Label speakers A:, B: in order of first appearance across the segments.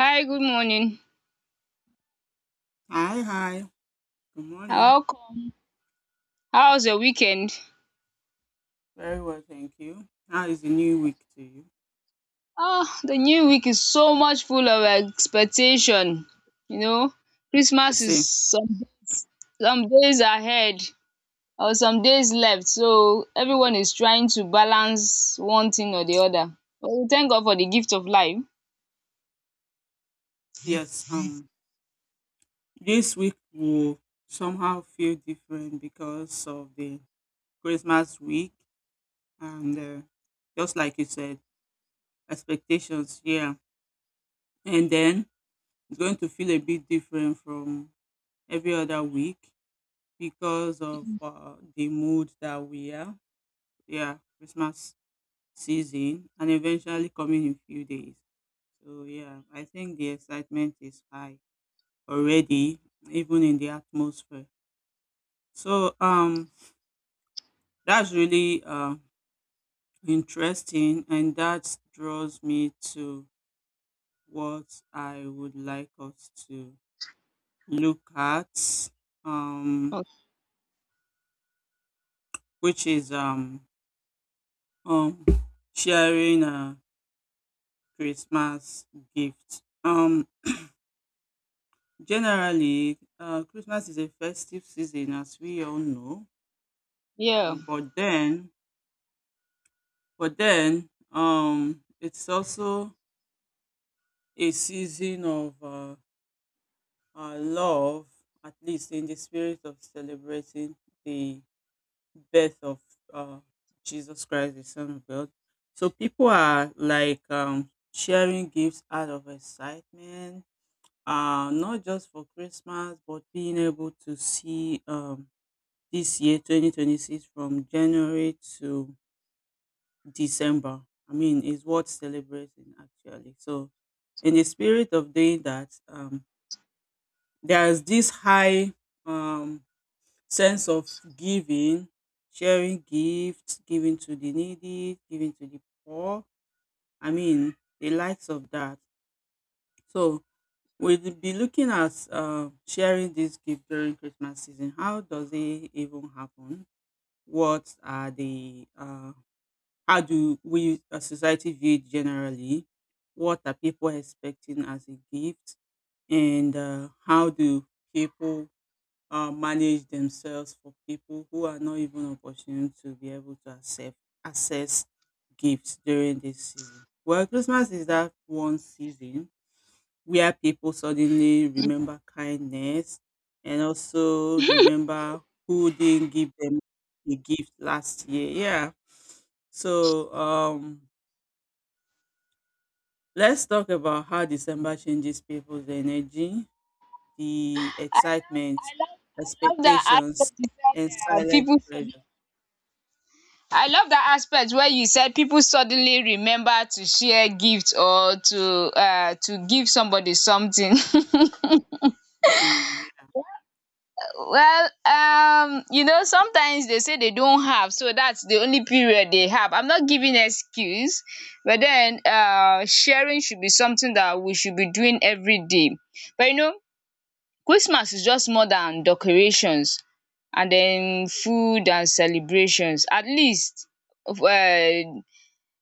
A: Hi, good morning.
B: Hi, hi. Good morning.
A: Welcome. How's your weekend?
B: Very well, thank you. How is the new week to you?
A: Oh, the new week is so much full of expectation. You know,
B: I
A: Christmas is
B: see.
A: some days ahead or some days left. So everyone is trying to balance one thing or the other. But we thank God for the gift of life.
B: Yes, um, this week will somehow feel different because of the Christmas week and just like you said, expectations, yeah. And then it's going to feel a bit different from every other week because of the mood that we are. Yeah, Christmas season and eventually coming in few days. So yeah, I think the excitement is high already, even in the atmosphere. So um, that's really interesting, and that draws me to what I would like us to look at, um, which is um, sharing a Christmas gift. Generally, Christmas is a festive season, as we all know.
A: Yeah.
B: Mm. But then, it's also a season of love, at least in the spirit of celebrating the birth of uh, Jesus Christ, the Son of God. So people are like sharing gifts out of excitement, not just for Christmas, but being able to see this year 2026 from January to December. I mean, it's worth celebrating actually. So, in the spirit of doing that, there's this high um, sense of giving, sharing gifts, giving to the needy, giving to the poor. I mean, the likes of that. So, we'll be looking at sharing this gift during Christmas season. How does it even happen? What are the how do we as society view it generally? What are people expecting as a gift? And how do people manage themselves for people who are not even opportune to be able to accept access gifts during this season? Well, Christmas is that one season where people suddenly remember kindness and also remember who didn't give them a gift last year. Yeah. So, let's talk about how December changes people's energy, the
A: I love I
B: excitement,
A: love I love that
B: expectations,
A: aspect you said
B: and silent
A: people
B: pressure.
A: suddenly I love that aspect where you said people suddenly remember to share gifts or to give somebody something.
B: Mm.
A: Well, sometimes they say they don't have, so that's the only period they have. I'm not giving excuse, but then sharing should be something that we should be doing every day. But Christmas is just more than decorations and then food and celebrations. At least um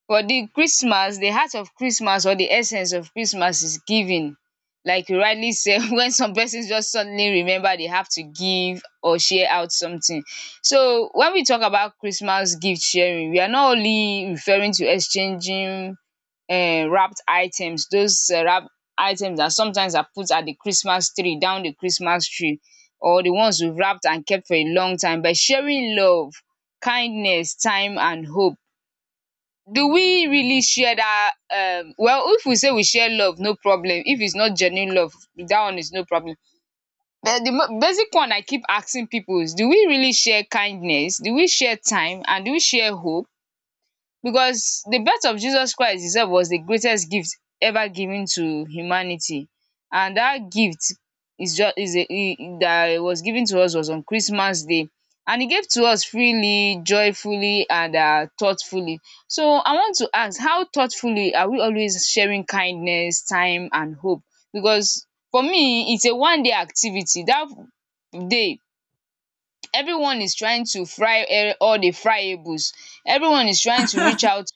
A: for the Christmas, the heart of Christmas or the essence of Christmas is giving. Like you rightly said, when some persons just suddenly remember they have to give or share out something. So when we talk about Christmas gift sharing, we are not only referring to exchanging wrapped items. Those wrapped items that sometimes are put at the Christmas tree, down the Christmas tree, or the ones we've wrapped and kept for a long time. But sharing love, kindness, time, and hope, do we really share that? Well, if we say we share love, no problem. If it's not genuine love, that one is no problem. But the basic one I keep asking people is, do we really share kindness? Do we share time? And do we share hope? Because the birth of Jesus Christ itself was the greatest gift ever given to humanity. And that gift is just is a e- that was given to us was on Christmas Day. And he gave to us freely, joyfully, and thoughtfully. So I want to ask, how thoughtfully are we always sharing kindness, time, and hope? Because for me, it's a one-day activity. That day, everyone is trying to fry all the fryables. Everyone is trying to reach out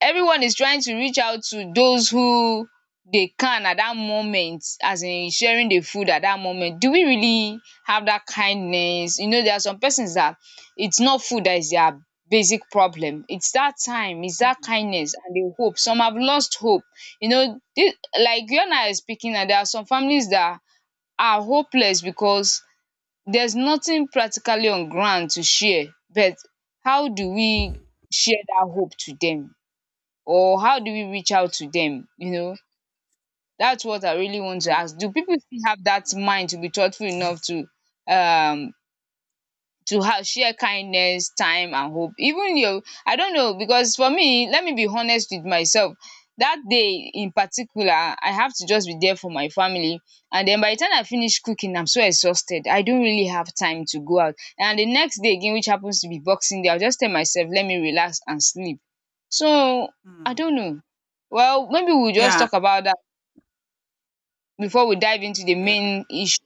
A: Everyone is trying to reach out to those who they can at that moment, as in sharing the food at that moment. Do we really have that kindness? There are some persons that it's not food that is their basic problem. It's that time, it's that
B: Mm.
A: kindness, and the hope. Some have lost hope. You know, this, like you and I are speaking, and there are some families that are hopeless because there's nothing practically on ground to share. But how do we share that hope to them? Or how do we reach out to them? That's what I really want to ask.
B: Okay.
A: Do people still have that mind to be thoughtful enough to um share kindness, time, and hope? Even your I don't know. Because for me, let me be honest with myself, that day in particular, I have to just be there for my family. And then by the time I finish cooking, I'm so exhausted I don't really have time to go out. And the next day again, which happens to be Boxing Day, I'll just tell myself, let me relax and sleep. So I
B: Mm.
A: don't know. Well, maybe we'll just
B: Yeah,
A: talk about that before we dive into the
B: yeah,
A: main issue.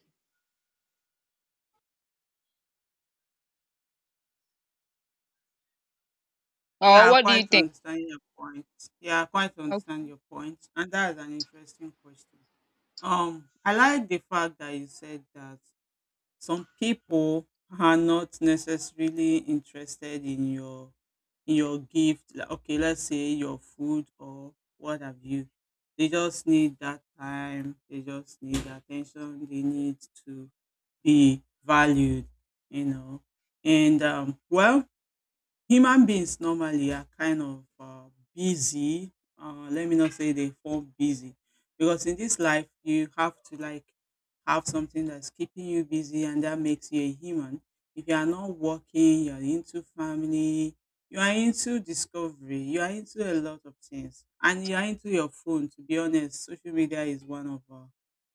A: Or
B: yeah. I
A: what do you
B: quite
A: think?
B: understand your point. Yeah, I quite
A: Okay.
B: understand your point, and that is an interesting question. I like the fact that you said that some people are not necessarily interested in your gift, like, okay, let's say your food or what have you. They just need that time, they just need attention, they need to be valued, you know. And well, human beings normally are kind of busy. Let me not say they fall busy because in this life you have to like have something that's keeping you busy, and that makes you a human. If you are not working, you are into family, you are into discovery, you are into a lot of things, and you are into your phone. To be honest, social media is one of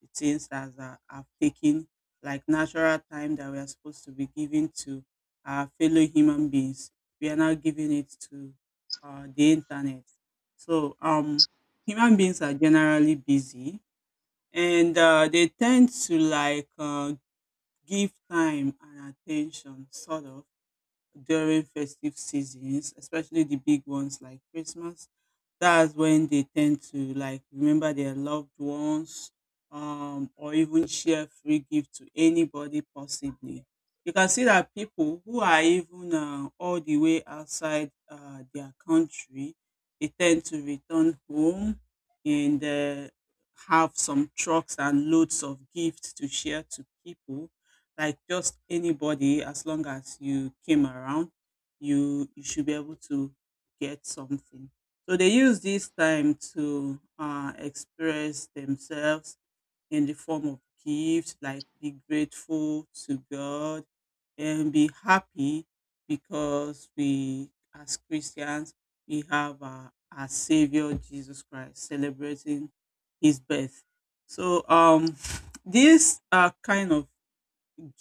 B: the things that are taking like natural time that we are supposed to be giving to our fellow human beings. We are now giving it to the internet. So human beings are generally busy, and they tend to like give time and attention, sort of, during festive seasons, especially the big ones like Christmas. That's when they tend to like remember their loved ones, or even share free gift to anybody possibly. You can see that people who are even all the way outside their country, they tend to return home and have some trucks and loads of gifts to share to people, like just anybody. As long as you came around, you should be able to get something. So they use this time to express themselves in the form of gifts, like be grateful to God and be happy because we, as Christians, we have our Savior Jesus Christ celebrating his birth. So this kind of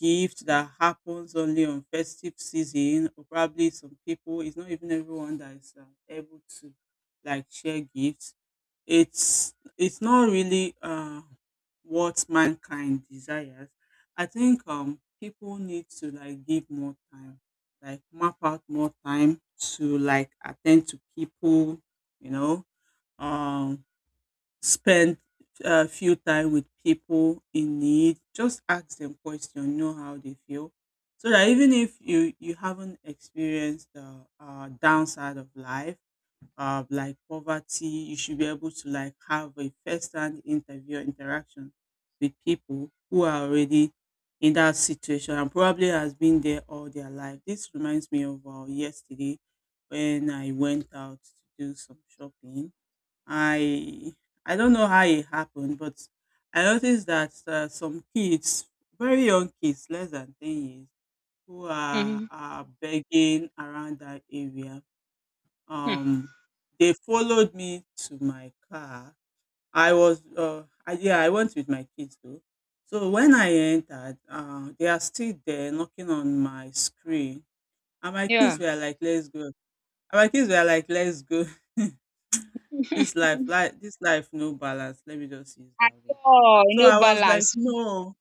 B: gift that happens only on festive season, or probably some people, it's not even everyone that is able to like share gifts. It's not really what mankind desires. I think people need to like give more time, like map out more time to like attend to people, you know. Um, spend a few time with people in need. Just ask them question, know how they feel. So that even if you haven't experienced the downside of life, like poverty, you should be able to like have a first-hand interview interaction with people who are already in that situation and probably has been there all their life. This reminds me of yesterday when I went out to do some shopping. I I don't know how it happened, but I noticed that some kids, very young kids, less than 10 years, who are,
A: Mhm.
B: are begging around that area.
A: Hmm.
B: Um, they followed me to my car. I was yeah, I went with my kids though. So when I entered, they are still there knocking on my screen, and my kids
A: Yeah.
B: were like, "Let's go." Our kids were like, let's go. This life, like this life, no balance. Let me just use
A: At
B: that way.
A: all,
B: So
A: no
B: I was like,
A: balance.
B: no,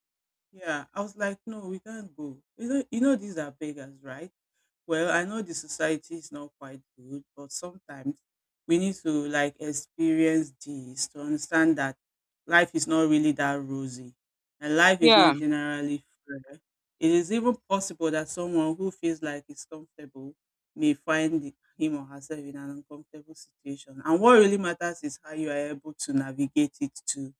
B: yeah. I was like, no, we can't go. You know, these are beggars, right? Well, I know the society is not quite good, but sometimes we need to like experience this to understand that life is not really that rosy and life is not
A: Yeah.
B: generally fair. It is even possible that someone who feels like is comfortable may find the- him or herself in an uncomfortable situation. And what really matters is how you are able to navigate it to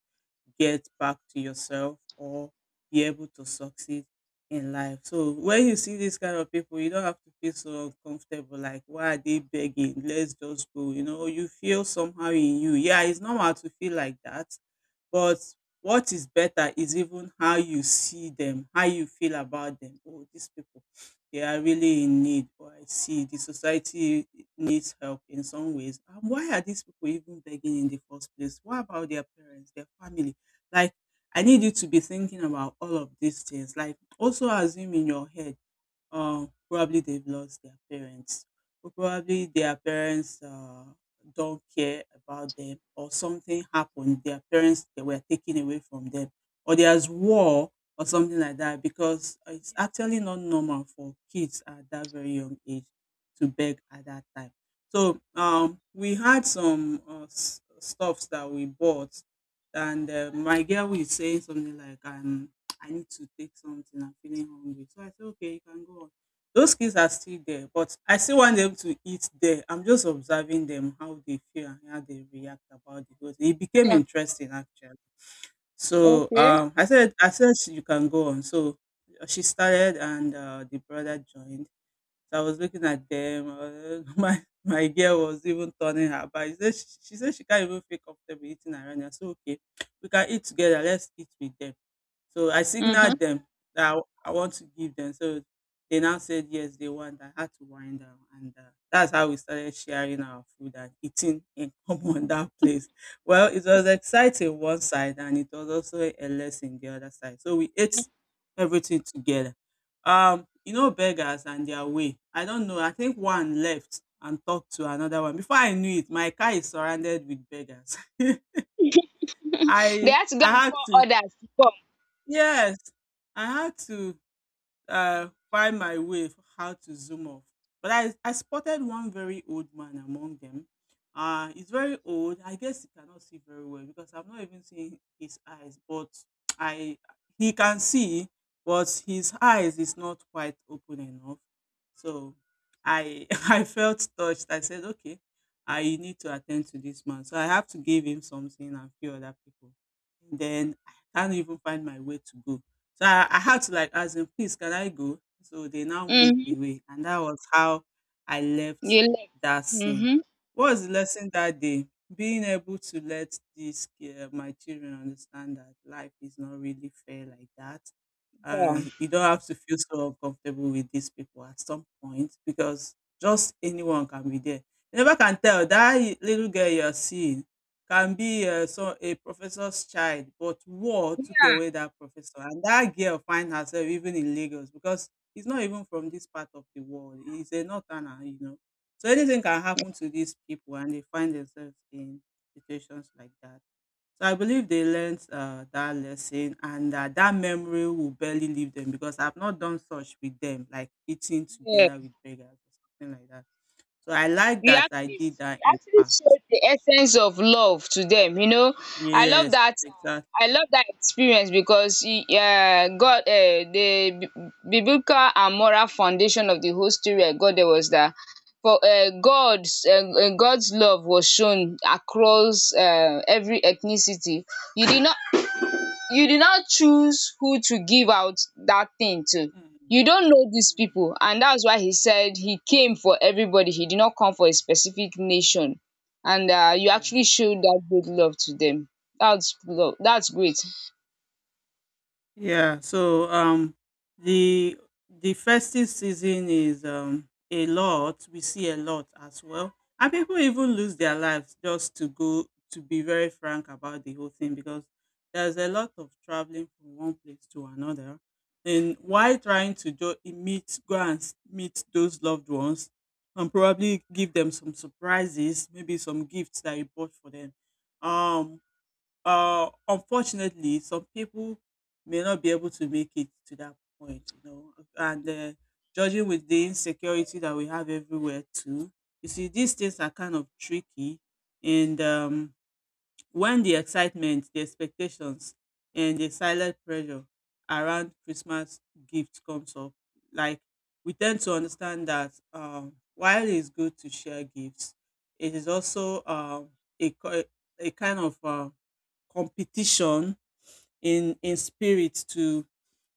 B: get back to yourself or be able to succeed in life. So when you see these kind of people, you don't have to feel so uncomfortable. Like, why are they begging? Let's just go. You know, you feel somehow in you. Yeah, it's normal to feel like that. But what is better is even how you see them, how you feel about them. Oh, these people, they are really in need. Or I see the society needs help in some ways. And why are these people even begging in the first place? What about their parents, their family? Like, I need you to be thinking about all of these things. Like, also assume in your head probably they've lost their parents, or probably their parents don't care about them, or something happened their parents, they were taken away from them, or there's war or something like that. Because it's actually not normal for kids at that very young age to beg at that time. So we had some stuffs that we bought, and my girl was saying something like I need to take something, I'm feeling hungry. So I said, okay, you can go on. Those kids are still there, but I still want them to eat there. I'm just observing them, how they feel and how they react about the whole thing. It became
A: Yeah.
B: interesting actually. So
A: Okay.
B: I said, "Sh- you can go on." So she started, and the brother joined. So I was looking at them. My girl was even turning her back. She said she said she can't even feel comfortable eating around. I said, okay, we can eat together. Let's eat with them. So I signaled
A: Mhm.
B: them that I want to give them. So they now said yes, they want. I had to wind down, and that's how we started sharing our food and eating in common that place. Well, it was exciting one side, and it was also a lesson the other side. So we ate everything together. You know, beggars and their way. I don't know. I think one left and talked to another one. Before I knew it, my car is surrounded with beggars.
A: They had to go
B: I
A: and
B: had
A: call
B: to
A: others to come.
B: yes, I had to find my way for how to zoom off. But I spotted one very old man among them. He's very old. I guess he cannot see very well because I'm not even seeing his eyes. But I he can see, but his eyes is not quite open enough. So I I felt touched. I said, okay, I need to attend to this man. So I have to give him something and few other people. And then I can't even find my way to go, so I had to like ask them, please, can I go? So they now moved
A: Mm-hmm.
B: away. And that was how I left
A: You left.
B: that scene.
A: Mm-hmm.
B: What was the lesson that day? Being able to let these my children understand that life is not really fair like that,
A: Yeah.
B: and you don't have to feel so uncomfortable with these people at some point because just anyone can be there. You never can tell that little girl you're seeing can be so a professor's child, but war took away that professor, and that girl find herself even in Lagos because he's not even from this part of the world. He's a northerner, you know. So anything can happen to these people, and they find themselves in situations like that. So I believe they learnt that lesson and that memory will barely leave them because I've not done such with them, like eating
A: Yeah.
B: together with beggars or something like that. So I like
A: you
B: that I
A: actually
B: did
A: you
B: that in
A: actually
B: part.
A: showed the essence of love to them. i love
B: Yes,
A: that
B: exactly.
A: I love that experience because e god the biblical and moral foundation of the whole story I got there was that for God's love was shown across every ethnicity. you did not you did not choose who to give out that thing to.
B: Mm,
A: You don't know these
B: mm,
A: people. And that's why he said he came for everybody. He did not come for a specific nation. And you
B: yeah.
A: actually showed that great love to them. That's love. That's great.
B: Yeah, so the the festive season is a lot. We see a lot as well. And people even lose their lives just to go to be very frank about the whole thing because there's a lot of traveling from one place to another. And while trying to do meet go and s- meet those loved ones and probably give them some surprises, maybe some gifts that you bought for them. Um Unfortunately, some people may not be able to make it to that point, you know, and judging with the insecurity that we have everywhere too, you see, these things are kind of tricky. And when the excitement, the expectations, and the silent pressure around Christmas gift comes up, like we tend to understand that while it's good to share gifts, it is also a, co- a kind of competition in spirit to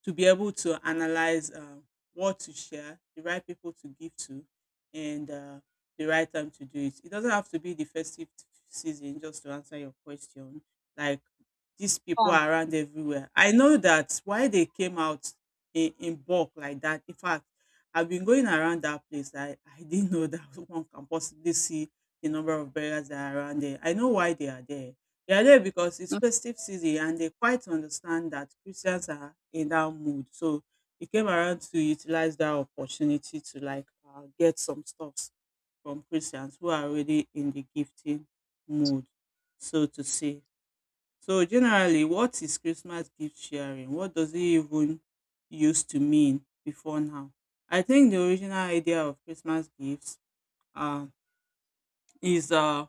B: to be able to analyze what to share, the right people to give to, and the right time to do it. It doesn't have to be the festive season. Just to answer your question, like these people
A: Yeah.
B: are around everywhere. I know that why they came out in bulk like that. In fact, I've been going around that place. I didn't know that one can possibly see the number of burials that are around there. I know why they are there. They are there because it's
A: Mm.
B: festive season and they quite understand that Christians are in that mood. So they came around to utilize that opportunity to like get some stuffs from Christians who are already in the gifting mood, so to say. So generally, what is Christmas gift sharing? What does it even used to mean before now? I think the original idea of Christmas gifts uh, is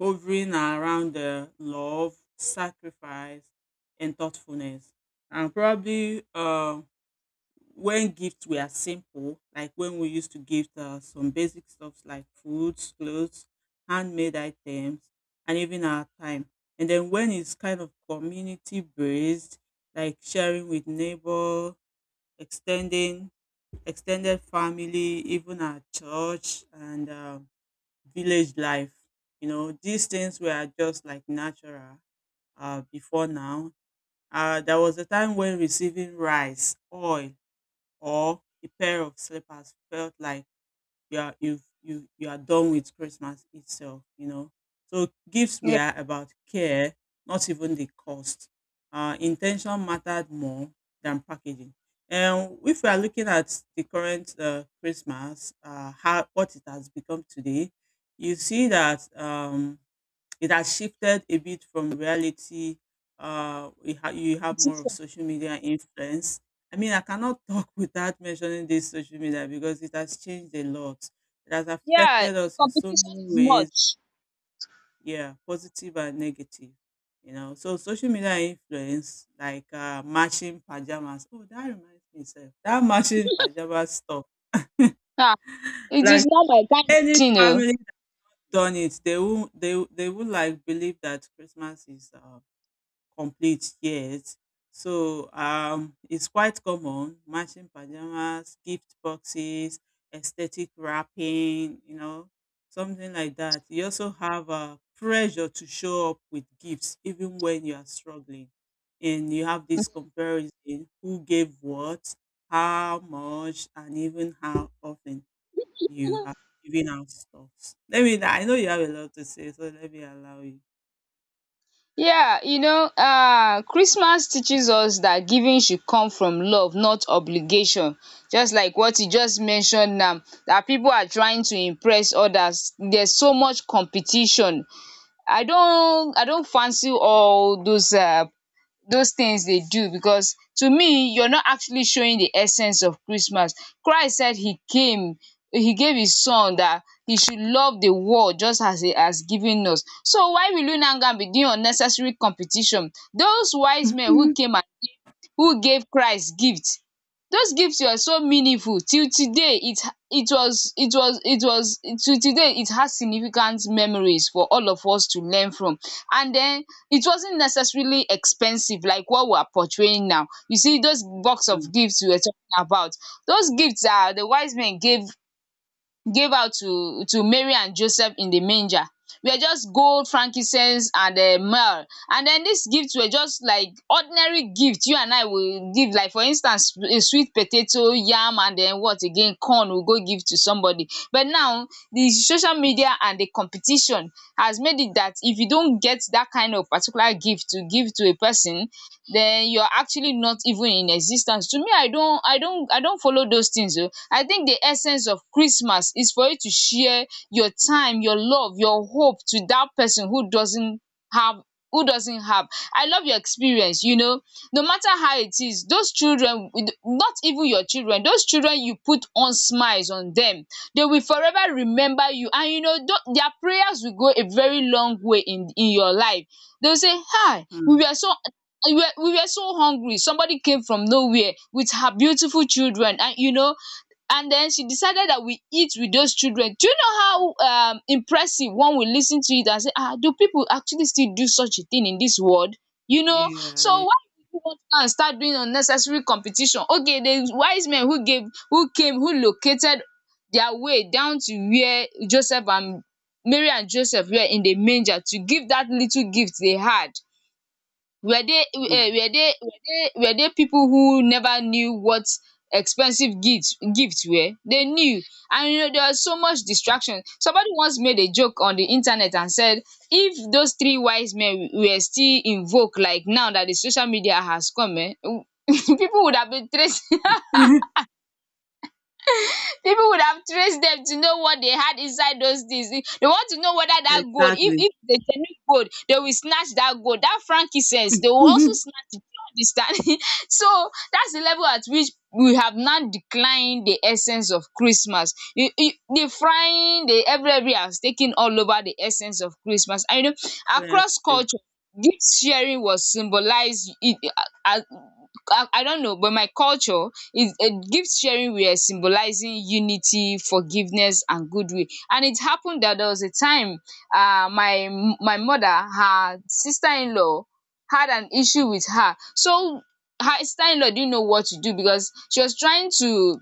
B: hovering around the love, sacrifice, and thoughtfulness. And probably when gifts were simple, like when we used to give some basic stuffs like foods, clothes, handmade items, and even our time. And then when it's kind of community based, like sharing with neighbor, extending extended family, even our church and village life. You know, these things were just like natural before now. There was a time when receiving rice, oil, or a pair of slippers felt like you are done with Christmas itself, you know. So gifts
A: Yeah.
B: were about care, not even the cost. Intention mattered more than packaging. And if we are looking at the current Christmas, how what it has become today, you see that it has shifted a bit from reality. You have more of
A: Competition.
B: social media influence. I mean, I cannot talk without mentioning this social media because it has changed a lot. It has
A: Yeah,
B: affected
A: the
B: us in so
A: competition
B: many
A: is
B: ways,
A: much.
B: yeah, positive and negative. You know, so social media influence like matching pajamas. Oh, that reminds me, sir. That matching pajamas stuff.
A: Ah, it is
B: Like
A: not my kind of
B: any
A: thing. Oh.
B: family that done it, they will they would like believe that Christmas is complete yet. So it's quite common matching pajamas, gift boxes, aesthetic wrapping, you know, something like that. You also have a pressure to show up with gifts even when you are struggling. And you have this comparison who gave what, how much, and even how often you have given out stuff. Let me, I know you have a lot to say, so let me allow you.
A: Yeah, Christmas teaches us that giving should come from love, not obligation, just like what you just mentioned now, that people are trying to impress others. There's so much competition. I don't, fancy all those, things they do because to me you're not actually showing the essence of Christmas. Christ said he came, he gave his son that he should love the world just as he has given us. So why will you now go and begin unnecessary competition? Those wise men who came and who gave Christ gifts, those gifts were so meaningful. Till today it it was it was it was till today it has significant memories for all of us to learn from, and den it wasn't necessarily expensive like what we are portraying now. You see those box
B: Mm,
A: of gifts we were talking about, those gifts are the wise men gave out to Mary and Joseph in the manger were just gold, frankincense, and myrrh. And then these gifts were just like ordinary gifts you and I will give. Like, for instance, a sweet potato, yam, and then what again? Corn will go give to somebody. But now the social media and the competition has made it that if you don't get that kind of particular gift to give to a person, then you're actually not even in existence. To me, I don't follow those things. Oh. I think the essence of Christmas is for you to share your time, your love, your hope to that person have who doesn't have. I love your experience. No matter how it is, those children not even your children, those children you put on smiles on, them they will forever remember you, and their prayers will go a very long way in your life. They will say, hi, we
B: mm.
A: were so, and we were so hungry. Somebody came from nowhere with her beautiful children, and, you know, and then she decided that we eat with those children. Do you know how impressive, one will listen to it and say, ah, do people actually still do such a thing in this world? You know,
B: Yeah, yeah,
A: so
B: yeah.
A: why would you want to go and start doing unnecessary competition? Okay, the wise men who gave, who came, who located their way down to where Joseph and Mary and Joseph were in the manger to give that little gift they had, were they eh were they were they were they people who never knew what expensive gifts were? They knew. And you know there was so much distraction. Somebody once made a joke on the internet and said if those three wise men were still in vogue, like now that the social media has come, eh, people would have been traced.
B: Mm.
A: People would have traced them to know what they had inside those things. They want to know whether that gold, if
B: Exactly.
A: if it's a genuine gold, they will snatch that gold. That frankincense, they will also snatch it. Do you understand? So that's the level at which we have now declined the essence of Christmas. The frying, the every has taken all over the essence of Christmas. And you know, across
B: Honestly.
A: culture, this sharing was symbolized. I, I don't know, but my culture, It gift sharing were symbolizing unity, forgiveness, and goodwill. And it happened that there was a time, uh, my my mother, her sister-in-law, had an issue with her. So her sister-in-law didn't know what to do, because she was trying to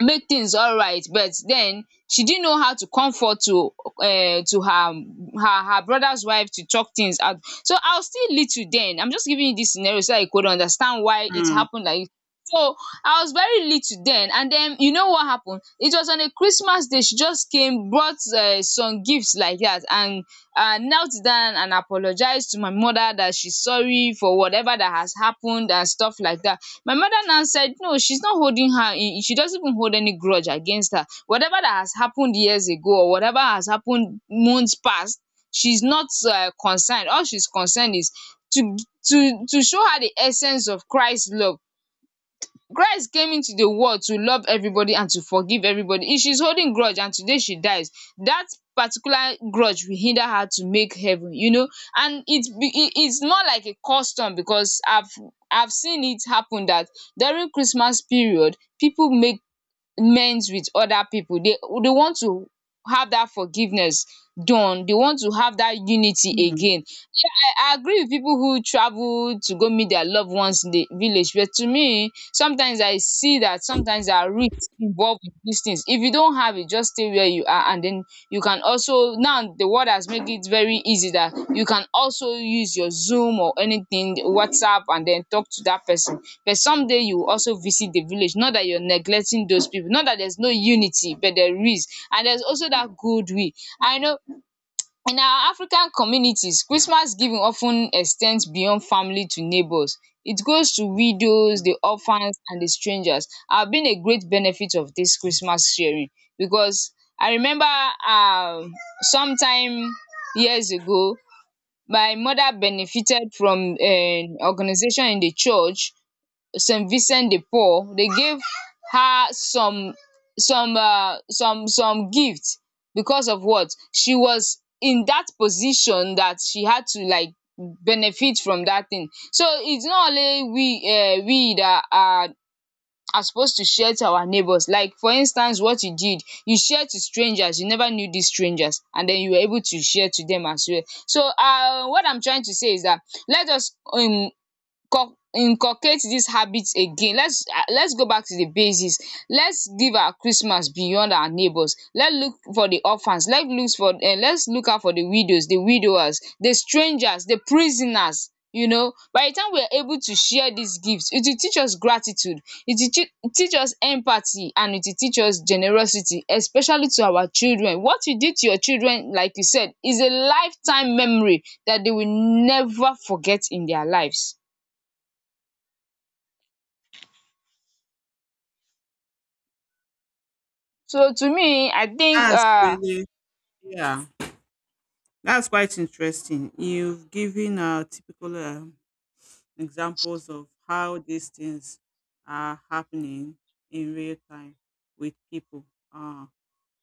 A: make things alright, but then she didn't know how to comfort to her, her brother's wife, to talk things out. So I was still little then. I'm just giving you this scenario so that you could understand why it
B: Mm.
A: happened like this. So I was very little then, and then you know what happened, it was on a Christmas day, she just came, brought some gifts like that, and I knelt down and apologized to my mother that she's sorry for whatever that has happened and stuff like that. My mother now said, no, she's not holding her, she doesn't even hold any grudge against her. Whatever that has happened years ago or whatever has happened months past, she's not, concerned. All she's concerned is to, to show her the essence of Christ's love. Christ came into the world to love everybody and to forgive everybody. If she's holding grudge and today she dies, that particular grudge will hinder her to make heaven, you know. And it's, be it, it's more like a custom because I've seen it happen that during Christmas period, people make amends with other people. They want to have that forgiveness done. They want to have that unity
B: Mm.
A: again. I agree with people who travel to go meet their loved ones in the village, but to me, sometimes I see that sometimes there are risks involved with these things. If you don't have it, just stay where you are, and then you can also, now the world has made it very easy that you can also use your Zoom or anything, WhatsApp, and then talk to that person. But someday you will also visit the village. Not that you're neglecting those people, not that there's no unity, but there is, and there's also that goodwill. I know in our African communities, Christmas giving of ten ex ten ds beyond family to neighbours. It goes to widows,
B: Mm.
A: the orphans, and the strangers. I have been a great benefit of this Christmas sharing because I remember, um sometime years ago, my mother benefited from organization in the church, Saint Vincent de Paul. They gave her some, some gift because of what she was in, that position that she had to like benefit from that thing. So it's not only we, we that are supposed to share to our neighbors. Like, for instance, what you did, you shared to strangers. You never knew these strangers, and then you were able to share to them as well. So what I'm trying to say is that let us inculcate these habits again. Let's go back to the basis. Let's give our Christmas beyond our neighbors. Let's look for the orphans. Let's look out for the widows, the widowers, the strangers, the prisoners. You know, by the time we are able to share these gifts, it will teach us gratitude. It will teach us empathy, and it will teach us generosity, especially to our children. What you did to your children, like you said, is a lifetime memory that they will never forget in their lives. So to me, I think,
B: That's really yeah. That's quite interesting. You've given typical examples of how these things are happening in real time with people uh,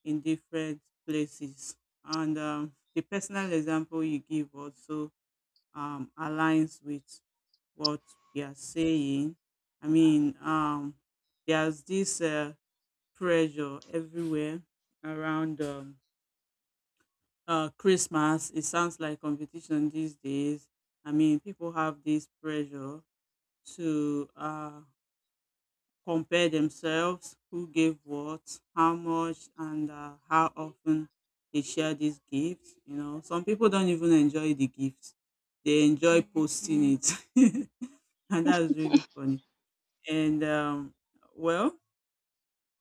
B: in different places, and the personal example you give also aligns with what we are saying. I mean, there's this pressure everywhere around Christmas. It sounds like competition these days. I mean, people have this pressure to compare themselves, who gave what, how much, and how often they share these gifts. You know, some people don't even enjoy the gifts; they enjoy posting it, and that's really funny. And well,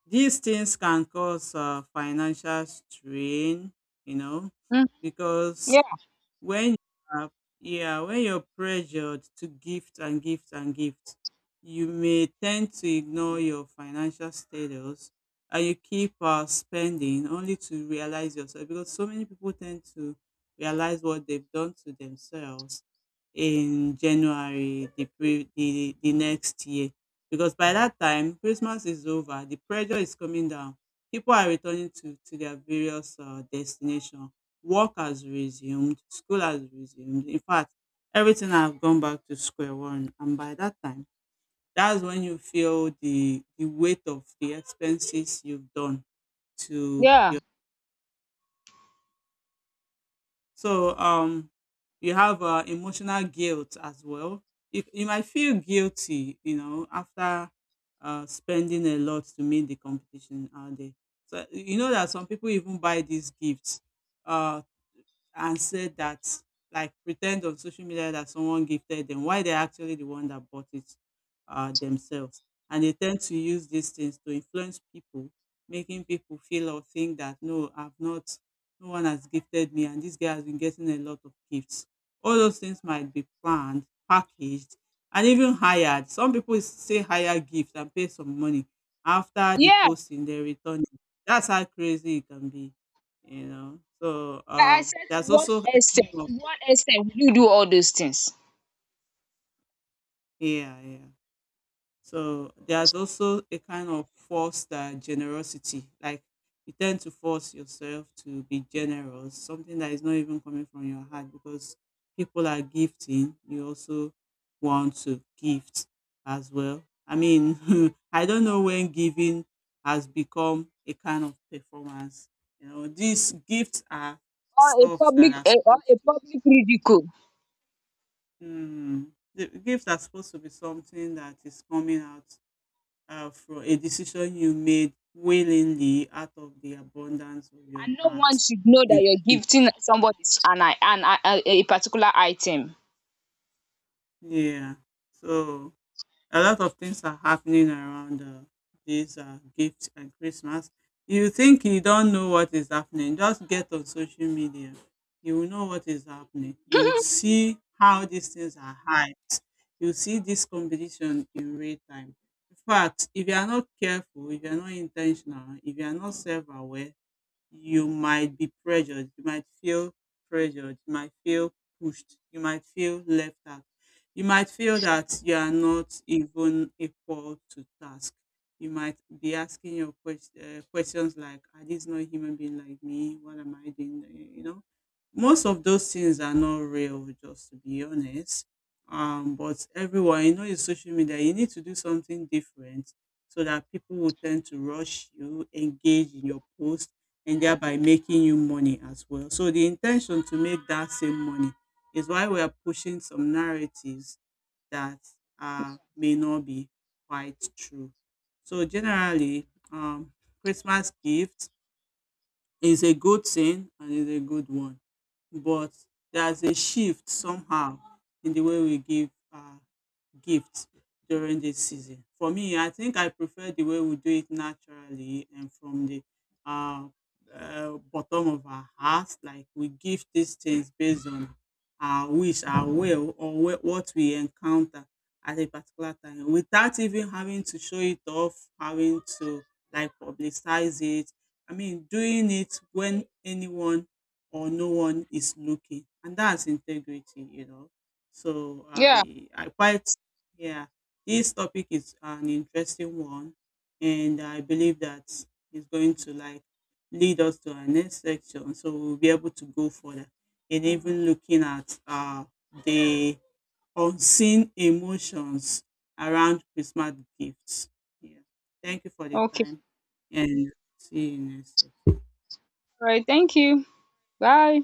B: these things can cause financial strain, you know,
A: mm,
B: because
A: yeah,
B: when you are yeah, when you're pressured to gift and gift and gift, you may tend to ignore your financial status and you keep spending only to realize yourself because so many people tend to realize what they've done to themselves in January, the the next year, because by that time Christmas is over, the pressure is coming down, people are returning to their various destinations. Work has resumed, school has resumed. In fact, everything have gone back to square one. And by that time, that's when you feel the weight of the expenses you've done to
A: yeah.
B: your. So um, you have emotional guilt as well. You might feel guilty, you know, after spending a lot to meet the competition out there. So you know that some people even buy these gifts uh and said that like pretend on social media that someone gifted them why they're actually the one that bought it themselves, and they tend to use these things to influence people, making people feel or think that no I've not no one has gifted me and this guy has been getting a lot of gifts. All those things might be planned, packaged, and even hired. Some people say hire gifts and pay some money. After the
A: Yeah.
B: posting, they return it. That's how crazy it can be, you know. So
A: Like I said, to
B: there's
A: what
B: also a kind
A: extent?
B: of
A: To what extent will you do all those things?
B: yeah, yeah. So there's also a kind of forced generosity. Like you tend to force yourself to be generous, something that is not even coming from your heart because people are gifting. You also want to gift as well. I mean, I don't know when giving has become a kind of performance. You know, these gifts are
A: Or a
B: stuffs that
A: public
B: are
A: eh, or
B: supposed
A: a
B: to.
A: public ridicule.
B: Mm. The gifts are supposed to be something that is coming out from a decision you made willingly out of the abundance of your
A: And no one
B: heart.
A: should know that
B: You
A: you're
B: give.
A: gifting somebody a particular item.
B: Yeah. So a lot of things are happening around this gift and Christmas. You think you don't know what is happening, just get on social media. You will know what is happening. You will see how these things are hyped. You see this competition in real time. In fact, if you are not careful, if you are not intentional, if you are not self aware, you might be pressured, you might feel pushed, you might feel left out. You might feel that you are not even equal to task. You might be asking your questions like, "Are these not human being like me? What am I doing?" You know, most of those things are not real, just to be honest. But everyone, you know, in social media, you need to do something different so that people will tend to rush you, engage in your post, and thereby making you money as well. So the intention to make that same money is why we are pushing some narratives that may not be quite true. So generally, um, Christmas gift is a good thing and is a good one, but there's a shift somehow in the way we give gifts during this season. For me, I think I prefer the way we do it naturally and from the uh, bottom of our hearts. Like we give these things based on our wish, our will, or what we encounter at a particular time without even having to show it off, having to like publicize it. I mean, doing it when anyone or no one is looking. And that's integrity, you know. So
A: Yeah.
B: I quite yeah, this topic is an interesting one, and I believe that is going to like lead us to our next section, so we'll be able to go further and even looking at the unseen emotions around Christmas gifts. Yeah, thank you for the
A: Okay.
B: time, and see you next section.
A: All right. Thank you. Bye.